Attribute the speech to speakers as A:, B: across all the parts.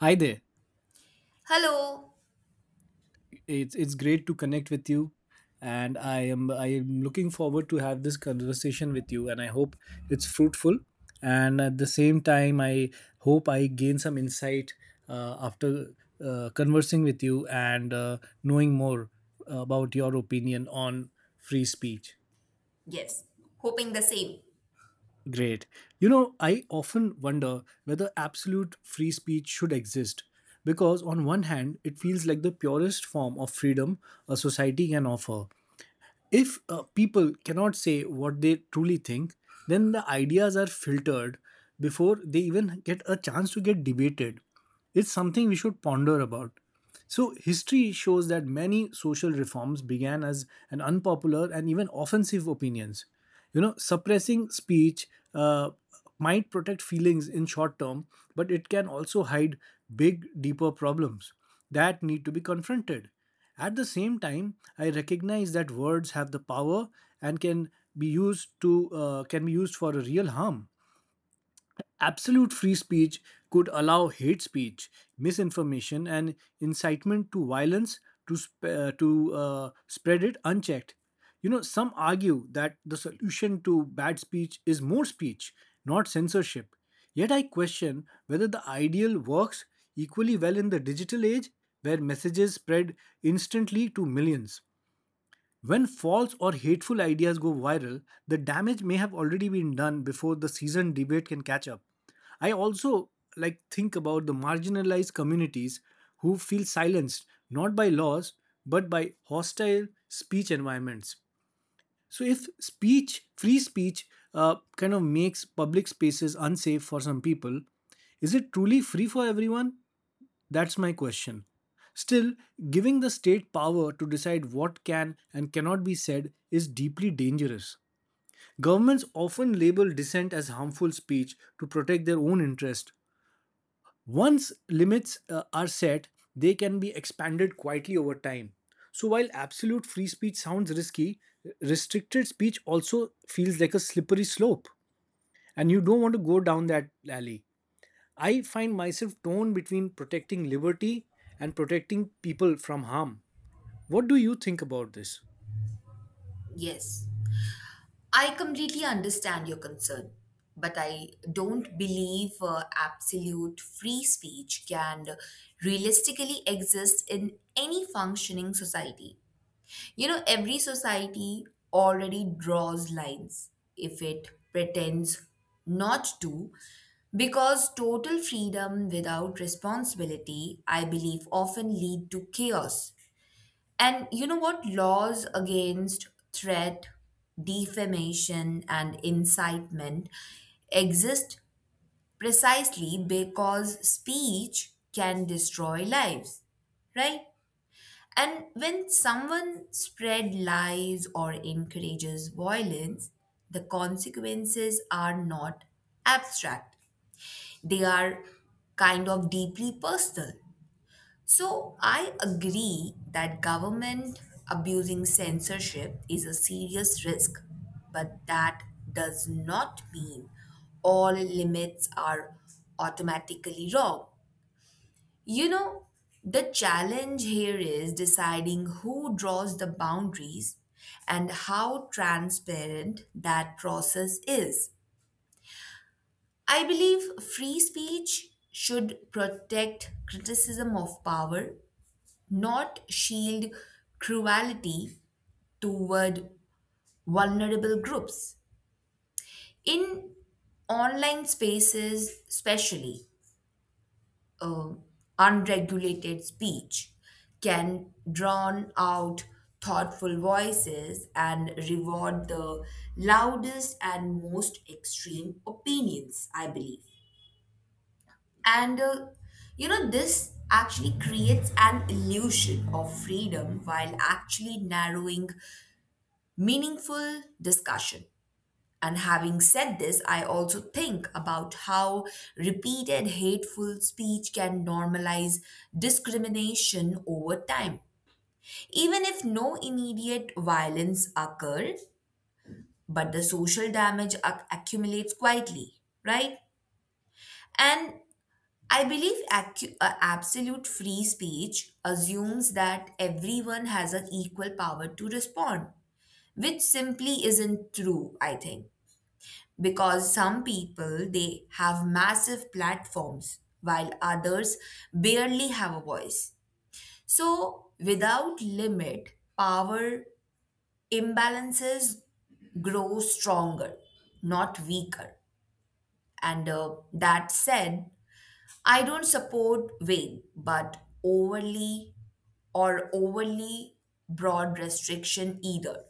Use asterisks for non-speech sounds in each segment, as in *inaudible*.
A: Hi there.
B: Hello.
A: It's great to connect with you, and I am looking forward to have this conversation with you and I hope it's fruitful. And at the same time, I hope I gain some insight after conversing with you and knowing more about your opinion on free speech.
B: Yes, hoping the same.
A: Great. You know, I often wonder whether absolute free speech should exist because, on one hand, it feels like the purest form of freedom a society can offer. If people cannot say what they truly think, then the ideas are filtered before they even get a chance to get debated. It's something we should ponder about. So, history shows that many social reforms began as an unpopular and even offensive opinions. You know, suppressing speech uh, might protect feelings in short term, but it can also hide big, deeper problems that need to be confronted. At the same time, I recognize that words have the power and be used to can be used for a real harm. Absolute free speech could allow hate speech, misinformation, and incitement to violence to spread it unchecked. You know, some argue that the solution to bad speech is more speech, not censorship. Yet I question whether the ideal works equally well in the digital age, where messages spread instantly to millions. When false or hateful ideas go viral, the damage may have already been done before the seasoned debate can catch up. I also like think about the marginalized communities who feel silenced not by laws but by hostile speech environments. So if speech, free speech, kind of makes public spaces unsafe for some people, is it truly free for everyone? That's my question. Still, giving the state power to decide what can and cannot be said is deeply dangerous. Governments often label dissent as harmful speech to protect their own interest. Once limits are set, they can be expanded quietly over time. So while absolute free speech sounds risky, restricted speech also feels like a slippery slope and you don't want to go down that alley. I find myself torn between protecting liberty and protecting people from harm. What do you think about this?
B: Yes, I completely understand your concern, but I don't believe absolute free speech can realistically exist in any functioning society. You know, every society already draws lines if it pretends not to, because total freedom without responsibility, I believe, often lead to chaos. And you know what? Laws against threat, defamation, and incitement exist precisely because speech can destroy lives, right? And when someone spread lies or encourages violence, the consequences are not abstract. They are kind of deeply personal. So I agree that government abusing censorship is a serious risk, but that does not mean all limits are automatically wrong. You know, the challenge here is deciding who draws the boundaries and how transparent that process is. I believe free speech should protect criticism of power, not shield cruelty toward vulnerable groups. In online spaces, especially, um, unregulated speech can drown out thoughtful voices and reward the loudest and most extreme opinions, I believe. And you know, this actually creates an illusion of freedom while actually narrowing meaningful discussion. And having said this, I also think about how repeated hateful speech can normalize discrimination over time. Even if no immediate violence occurred, but the social damage accumulates quietly, right? And I believe absolute free speech assumes that everyone has an equal power to respond, which simply isn't true, I think. Because some people, they have massive platforms while others barely have a voice, so without limit, power imbalances grow stronger, not weaker. And that said, I don't support vague but overly, or overly broad restriction either.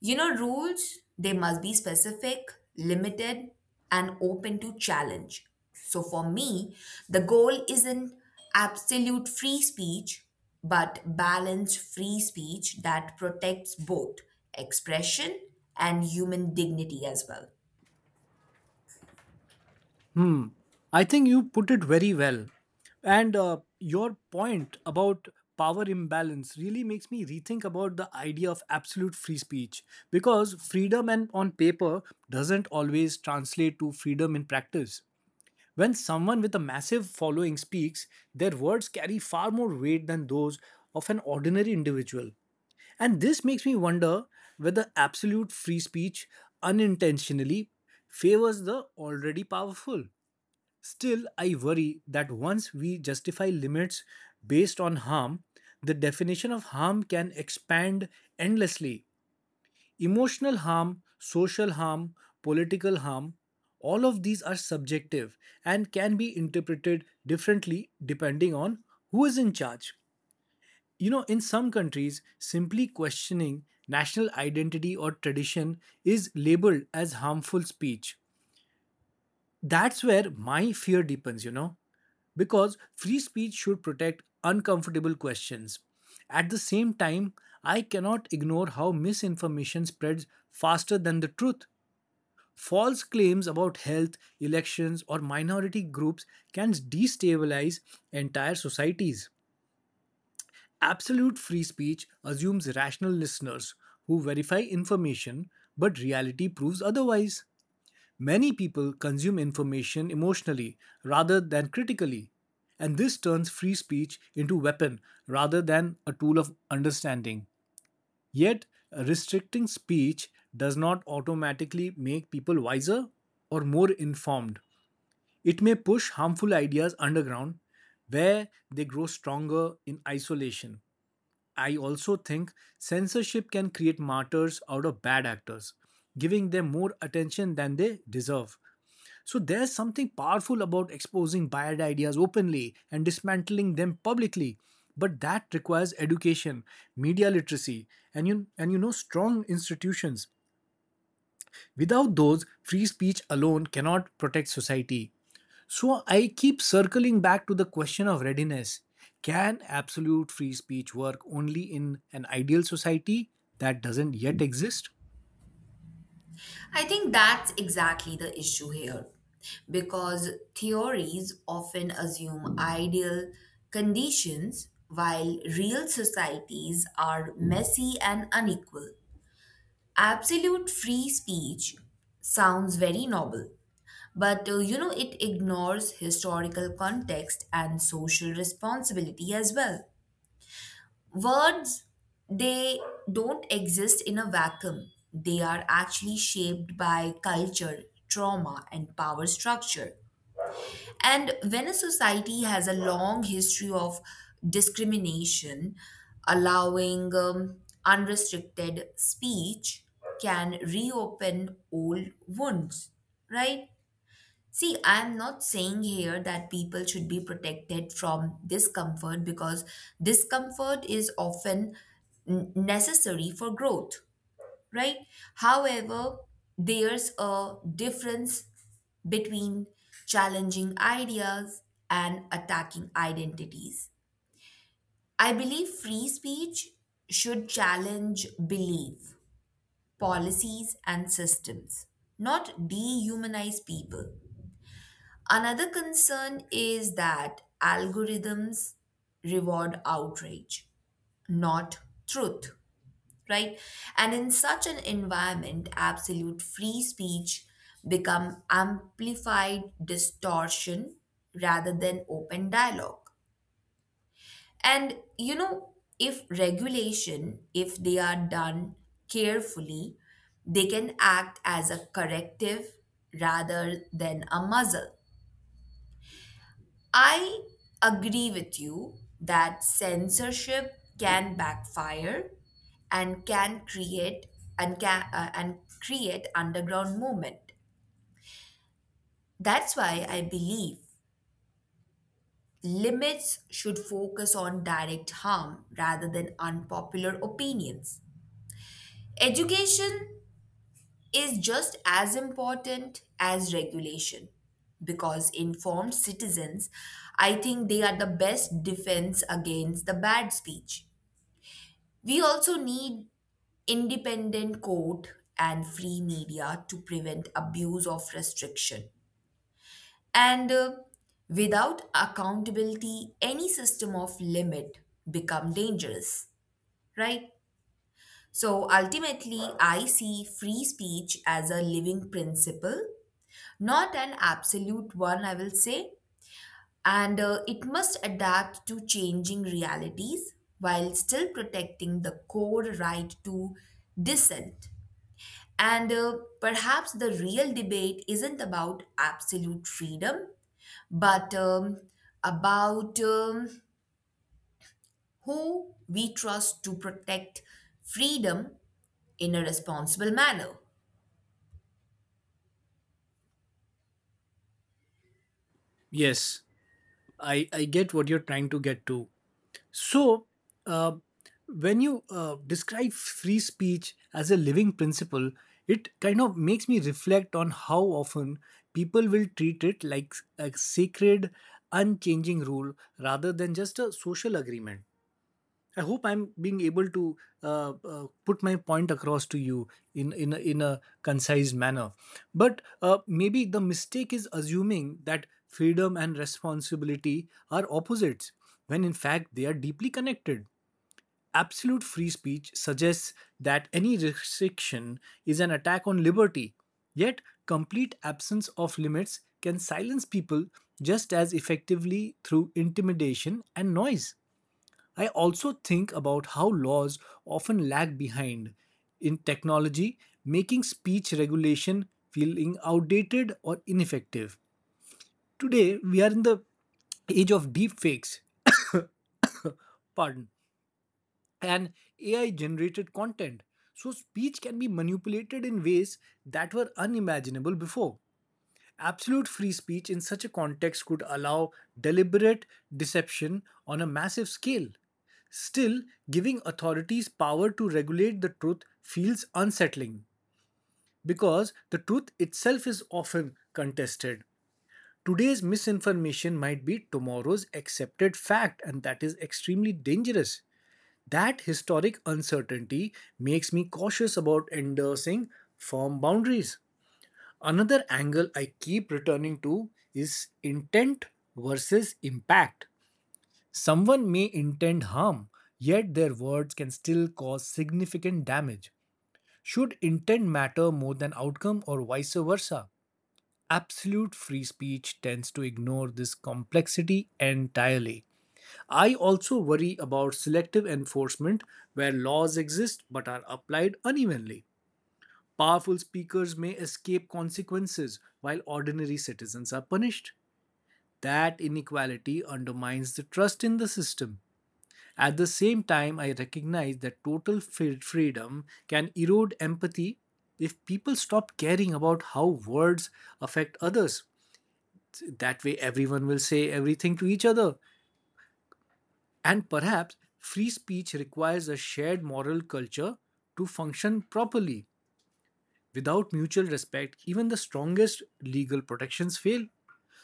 B: You know, rules, they must be specific, limited, and open to challenge. So for me, the goal isn't absolute free speech, but balanced free speech that protects both expression and human dignity as well.
A: Hmm. I think you put it very well. And your point about power imbalance really makes me rethink about the idea of absolute free speech because freedom and on paper doesn't always translate to freedom in practice. When someone with a massive following speaks, their words carry far more weight than those of an ordinary individual. And this makes me wonder whether absolute free speech unintentionally favors the already powerful. Still, I worry that once we justify limits based on harm, the definition of harm can expand endlessly. Emotional harm, social harm, political harm, all of these are subjective and can be interpreted differently depending on who is in charge. You know, in some countries, simply questioning national identity or tradition is labeled as harmful speech. That's where my fear deepens, you know, because free speech should protect uncomfortable questions. At the same time, I cannot ignore how misinformation spreads faster than the truth. False claims about health, elections, or minority groups can destabilize entire societies. Absolute free speech assumes rational listeners who verify information, but reality proves otherwise. Many people consume information emotionally rather than critically, and this turns free speech into a weapon rather than a tool of understanding. Yet, restricting speech does not automatically make people wiser or more informed. It may push harmful ideas underground where they grow stronger in isolation. I also think censorship can create martyrs out of bad actors, giving them more attention than they deserve. So there's something powerful about exposing bad ideas openly and dismantling them publicly. But that requires education, media literacy, and you know strong institutions. Without those, free speech alone cannot protect society. So I keep circling back to the question of readiness. Can absolute free speech work only in an ideal society that doesn't yet exist?
B: I think that's exactly the issue here because theories often assume ideal conditions while real societies are messy and unequal. Absolute free speech sounds very noble, but you know, it ignores historical context and social responsibility as well. Words, they don't exist in a vacuum. They are actually shaped by culture, trauma, and power structure. And when a society has a long history of discrimination, allowing unrestricted speech can reopen old wounds, right? See, I'm not saying here that people should be protected from discomfort because discomfort is often necessary for growth, right? However, there's a difference between challenging ideas and attacking identities. I believe free speech should challenge belief, policies, and systems, not dehumanize people. Another concern is that algorithms reward outrage, not truth, right? And in such an environment, absolute free speech become amplified distortion rather than open dialogue. And you know, if regulation, if they are done carefully, they can act as a corrective rather than a muzzle. I agree with you that censorship can backfire and can create, and can and create underground movement. That's why I believe limits should focus on direct harm rather than unpopular opinions. Education is just as important as regulation because informed citizens, I think they are the best defense against the bad speech. We also need independent court and free media to prevent abuse of restriction. And without accountability, any system of limit become dangerous, right? So ultimately, I see free speech as a living principle, not an absolute one, I will say. And it must adapt to changing realities while still protecting the core right to dissent. And perhaps the real debate isn't about absolute freedom, but about who we trust to protect freedom in a responsible manner.
A: Yes, I get what you're trying to get to. So, uh, when you describe free speech as a living principle, it kind of makes me reflect on how often people will treat it like a sacred, unchanging rule rather than just a social agreement. I hope I'm being able to put my point across to you in a concise manner. But maybe the mistake is assuming that freedom and responsibility are opposites, when in fact they are deeply connected. Absolute free speech suggests that any restriction is an attack on liberty, yet complete absence of limits can silence people just as effectively through intimidation and noise. I also think about how laws often lag behind in technology, making speech regulation feeling outdated or ineffective. Today, we are in the age of deepfakes, *coughs* pardon, and AI generated content. So, speech can be manipulated in ways that were unimaginable before. Absolute free speech in such a context could allow deliberate deception on a massive scale. Still, giving authorities power to regulate the truth feels unsettling because the truth itself is often contested. Today's misinformation might be tomorrow's accepted fact, and that is extremely dangerous. That historic uncertainty makes me cautious about endorsing firm boundaries. Another angle I keep returning to is intent versus impact. Someone may intend harm, yet their words can still cause significant damage. Should intent matter more than outcome or vice versa? Absolute free speech tends to ignore this complexity entirely. I also worry about selective enforcement where laws exist but are applied unevenly. Powerful speakers may escape consequences while ordinary citizens are punished. That inequality undermines the trust in the system. At the same time, I recognize that freedom can erode empathy if people stop caring about how words affect others. That way, everyone will say everything to each other. And perhaps free speech requires a shared moral culture to function properly. Without mutual respect, even the strongest legal protections fail.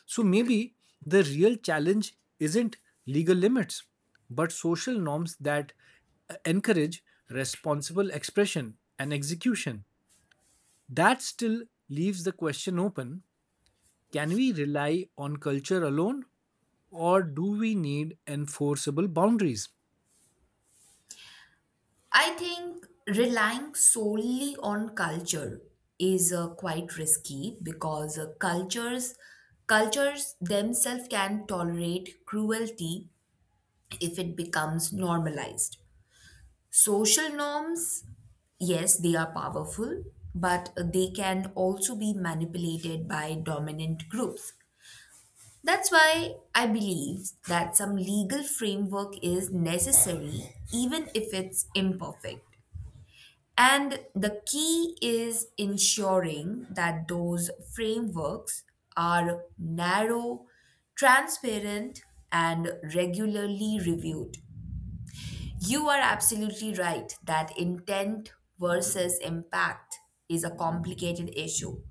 A: So maybe the real challenge isn't legal limits, but social norms that encourage responsible expression and execution. That still leaves the question open: can we rely on culture alone, or do we need enforceable boundaries?
B: I think relying solely on culture is quite risky because cultures themselves can tolerate cruelty if it becomes normalized. Social norms, yes, they are powerful, but they can also be manipulated by dominant groups. That's why I believe that some legal framework is necessary, even if it's imperfect. And the key is ensuring that those frameworks are narrow, transparent, and regularly reviewed. You are absolutely right that intent versus impact is a complicated issue,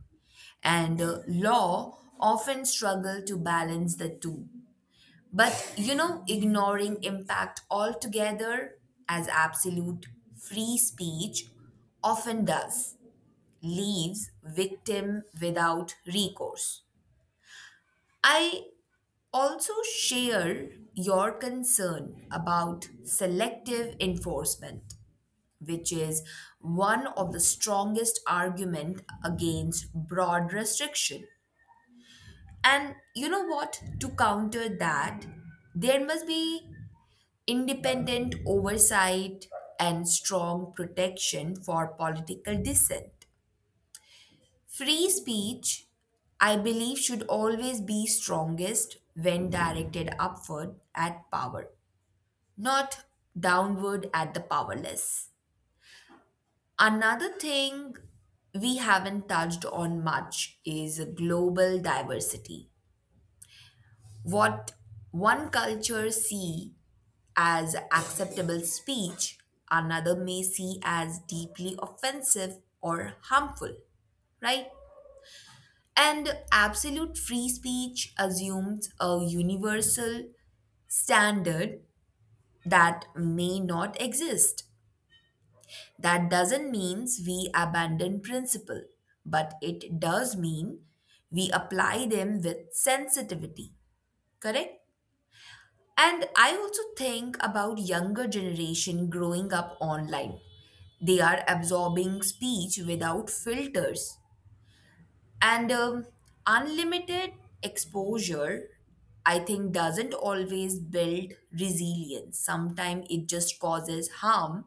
B: and law often struggle to balance the two. But you know, ignoring impact altogether, as absolute free speech often does, leaves victim without recourse. I also share your concern about selective enforcement, which is one of the strongest argument against broad restriction. And you know what, to counter that, there must be independent oversight and strong protection for political dissent. Free speech, I believe, should always be strongest when directed upward at power, not downward at the powerless. Another thing we haven't touched on much is global diversity. What one culture see as acceptable speech, another may see as deeply offensive or harmful, right? And absolute free speech assumes a universal standard that may not exist. That doesn't mean we abandon principle, but it does mean we apply them with sensitivity, correct? And I also think about younger generation growing up online. They are absorbing speech without filters. And unlimited exposure, I think, doesn't always build resilience. Sometimes it just causes harm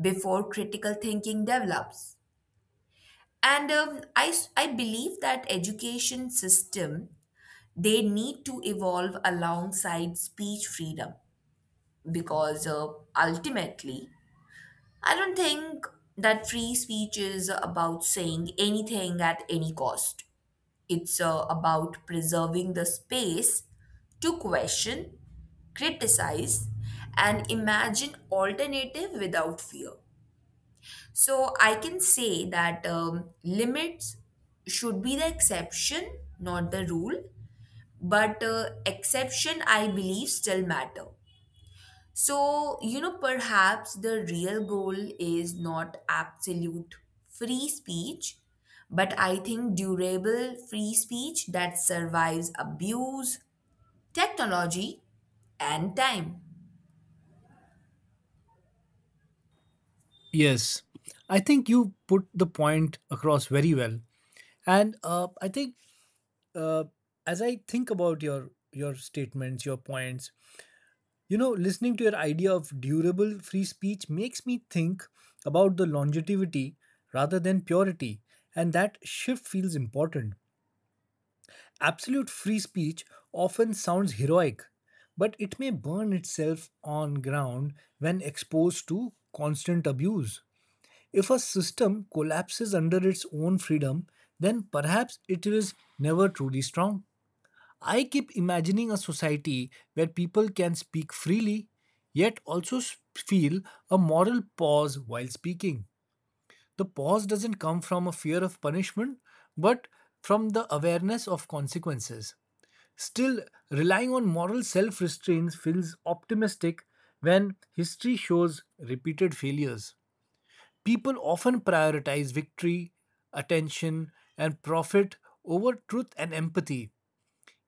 B: before critical thinking develops. And I believe that education system, they need to evolve alongside speech freedom, because ultimately, I don't think that free speech is about saying anything at any cost. It's about preserving the space to question, criticize, and imagine alternative without fear. So I can say that limits should be the exception, not the rule. But exception, I believe, still matter. So you know, perhaps the real goal is not absolute free speech, but I think durable free speech that survives abuse, technology, and time.
A: Yes, I think you put the point across very well. And I think uh, as I think about your statements, your points, you know, listening to your idea of durable free speech makes me think about the longevity rather than purity, and that shift feels important. Absolute free speech often sounds heroic, but it may burn itself on ground when exposed to constant abuse. If a system collapses under its own freedom, then perhaps it is never truly strong. I keep imagining a society where people can speak freely, yet also feel a moral pause while speaking. The pause doesn't come from a fear of punishment, but from the awareness of consequences. Still, relying on moral self restraint feels optimistic when history shows repeated failures. People often prioritize victory, attention, and profit over truth and empathy.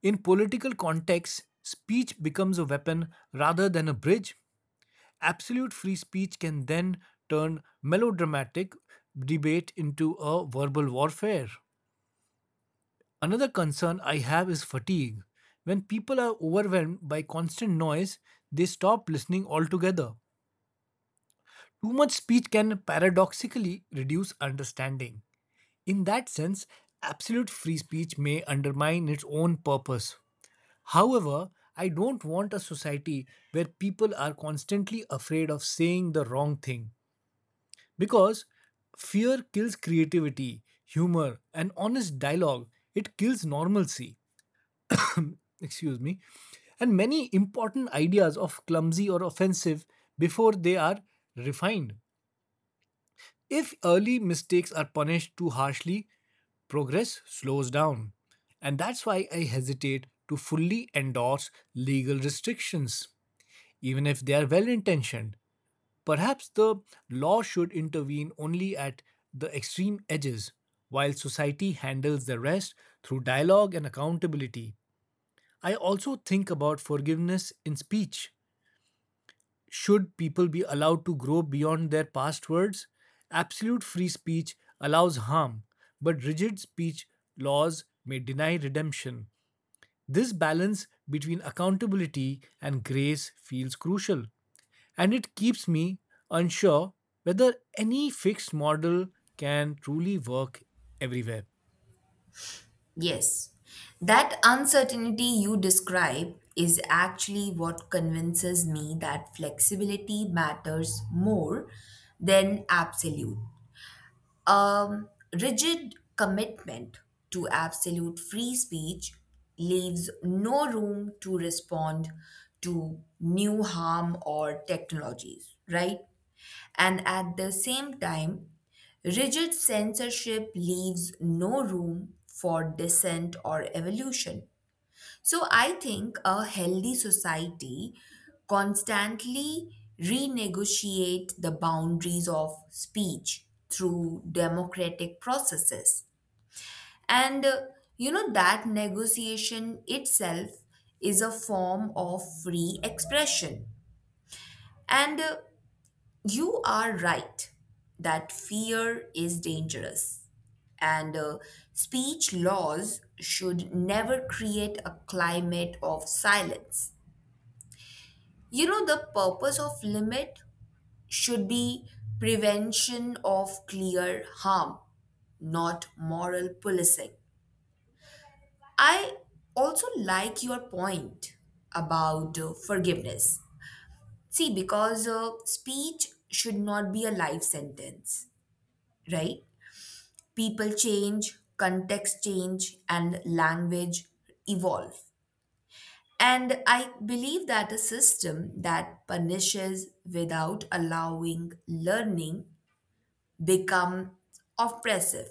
A: In political contexts, speech becomes a weapon rather than a bridge. Absolute free speech can then turn melodramatic debate into a verbal warfare. Another concern I have is fatigue. When people are overwhelmed by constant noise, they stop listening altogether. Too much speech can paradoxically reduce understanding. In that sense, absolute free speech may undermine its own purpose. However, I don't want a society where people are constantly afraid of saying the wrong thing because fear kills creativity, humor, and honest dialogue. It kills normalcy. Excuse me. And many important ideas of clumsy or offensive before they are refined. If early mistakes are punished too harshly, progress slows down. And that's why I hesitate to fully endorse legal restrictions. Even if they are well intentioned, perhaps the law should intervene only at the extreme edges, while society handles the rest through dialogue and accountability. I also think about forgiveness in speech. Should people be allowed to grow beyond their past words? Absolute free speech allows harm, but rigid speech laws may deny redemption. This balance between accountability and grace feels crucial, and it keeps me unsure whether any fixed model can truly work everywhere.
B: Yes, that uncertainty you describe is actually what convinces me that flexibility matters more than absolute. Um, Rigid commitment to absolute free speech leaves no room to respond to new harm or technologies, right? And at the same time, rigid censorship leaves no room for dissent or evolution. So I think a healthy society constantly renegotiate the boundaries of speech through democratic processes. And you know that negotiation itself is a form of free expression. And you are right that fear is dangerous, and speech laws should never create a climate of silence. You know, the purpose of limit should be prevention of clear harm, not moral policing. I also like your point about forgiveness. See, because speech should not be a life sentence, right? People change, context change, and language evolve. And I believe that a system that punishes without allowing learning become oppressive.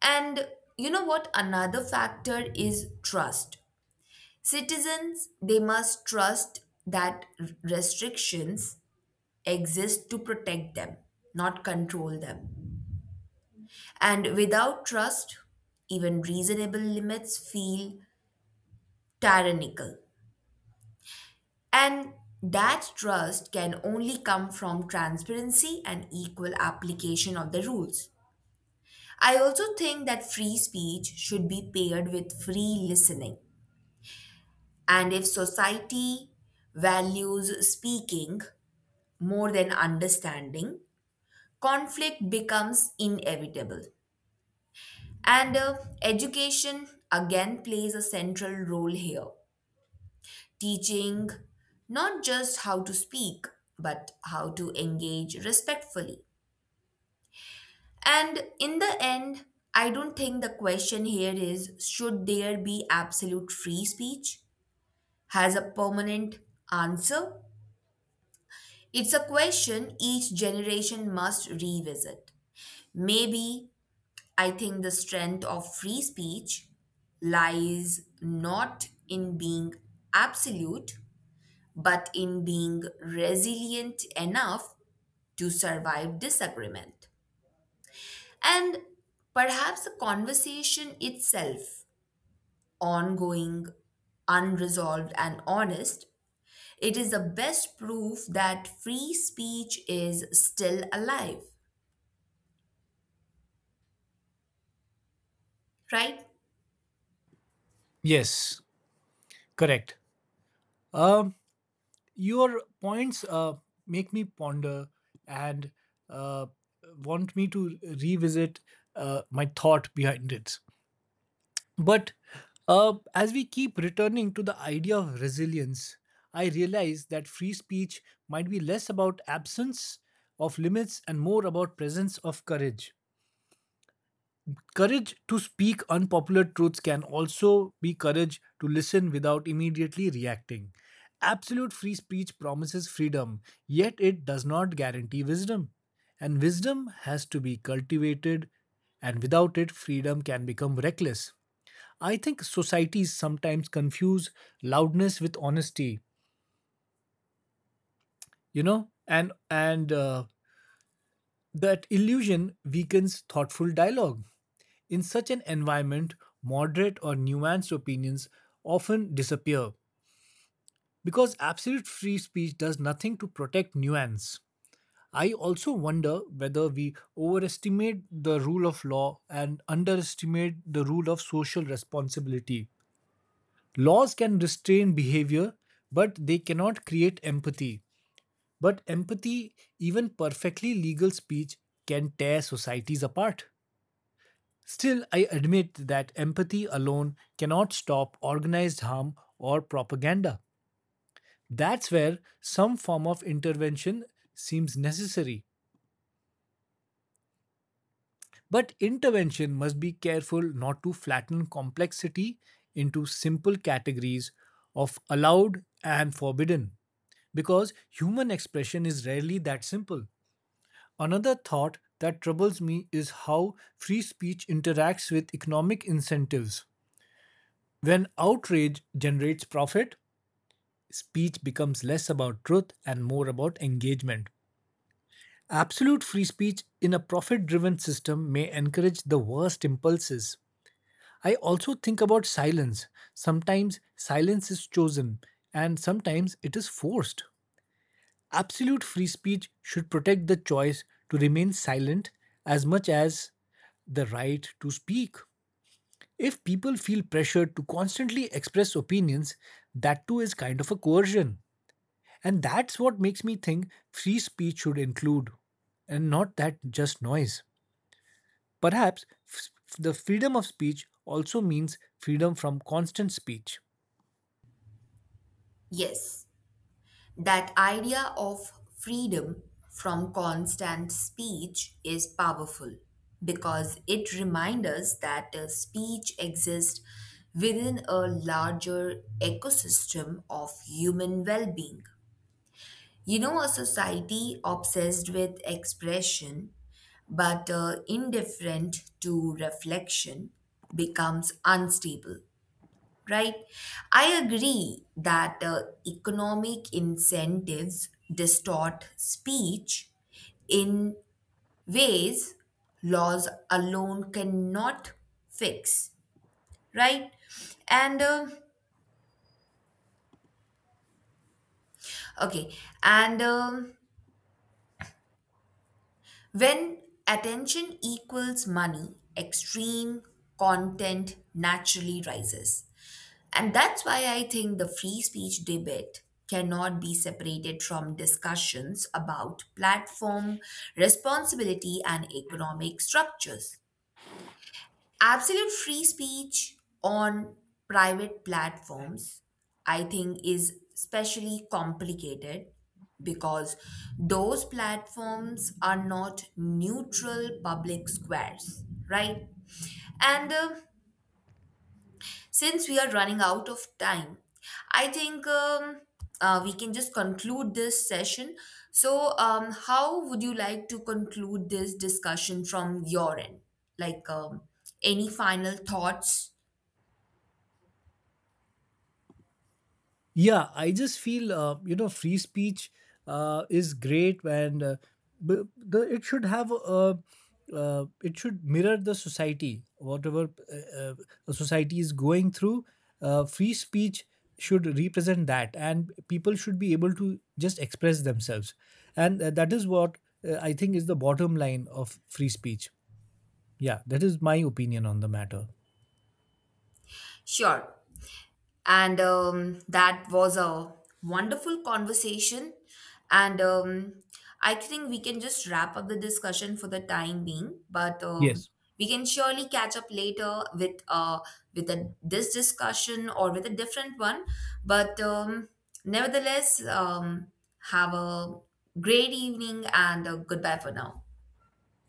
B: And you know what, another factor is trust. Citizens, they must trust that restrictions exist to protect them, not control them. And without trust, even reasonable limits feel tyrannical. And that trust can only come from transparency and equal application of the rules. I also think that free speech should be paired with free listening. And if society values speaking more than understanding, conflict becomes inevitable. And education again plays a central role here, teaching not just how to speak, but how to engage respectfully. And in the end, I don't think the question here is should there be absolute free speech? Has a permanent answer? It's a question each generation must revisit. Maybe I think the strength of free speech lies not in being absolute, but in being resilient enough to survive disagreement. And perhaps the conversation itself, ongoing, unresolved, and honest, it is the best proof that free speech is still alive, right?
A: Yes, correct. Um, your points make me ponder and uh, want me to revisit my thought behind it. But as we keep returning to the idea of resilience, I realize that free speech might be less about absence of limits and more about presence of courage. Courage to speak unpopular truths can also be courage to listen without immediately reacting. Absolute free speech promises freedom, yet it does not guarantee wisdom. And wisdom has to be cultivated, and without it, freedom can become reckless. I think societies sometimes confuse loudness with honesty, you know, and that illusion weakens thoughtful dialogue. In such an environment, moderate or nuanced opinions often disappear because absolute free speech does nothing to protect nuance. I also wonder whether we overestimate the rule of law and underestimate the rule of social responsibility. Laws can restrain behavior, but they cannot create empathy. But empathy, even perfectly legal speech, can tear societies apart. Still, I admit that empathy alone cannot stop organized harm or propaganda. That's where some form of intervention seems necessary. But intervention must be careful not to flatten complexity into simple categories of allowed and forbidden, because human expression is rarely that simple. Another thought that troubles me is how free speech interacts with economic incentives. When outrage generates profit, speech becomes less about truth and more about engagement. Absolute free speech in a profit driven system may encourage the worst impulses. I also think about silence. Sometimes silence is chosen and sometimes it is forced. Absolute free speech should protect the choice to remain silent as much as the right to speak. If people feel pressured to constantly express opinions, that too is kind of a coercion. And that's what makes me think free speech should include, and not that just noise. Perhaps f- the freedom of speech also means freedom from constant speech.
B: Yes. That idea of freedom from constant speech is powerful because it reminds us that speech exists within a larger ecosystem of human well being. You know, a society obsessed with expression but indifferent to reflection becomes unstable, right? I agree that economic incentives distort speech in ways laws alone cannot fix, right? And okay, and um when attention equals money, extreme content naturally rises. And that's why I think the free speech debate cannot be separated from discussions about platform responsibility and economic structures. Absolute free speech on private platforms, I think, is especially complicated because those platforms are not neutral public squares, right? And since we are running out of time, I think we can just conclude this session. So, how would you like to conclude this discussion from your end? Like, any final thoughts?
A: Yeah, I just feel you know, free speech is great, and b- the it should it should mirror the society, whatever a society is going through. Free speech should represent that, and people should be able to just express themselves, and that is what I think is the bottom line of free speech. Yeah, that is my opinion on the matter.
B: Sure. And that was a wonderful conversation. And I think we can just wrap up the discussion for the time being, but
A: Yes,
B: we can surely catch up later with this discussion or with a different one. But nevertheless, have a great evening and goodbye for now.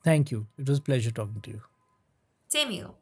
A: thank you. It was pleasure talking to you.
B: Same here.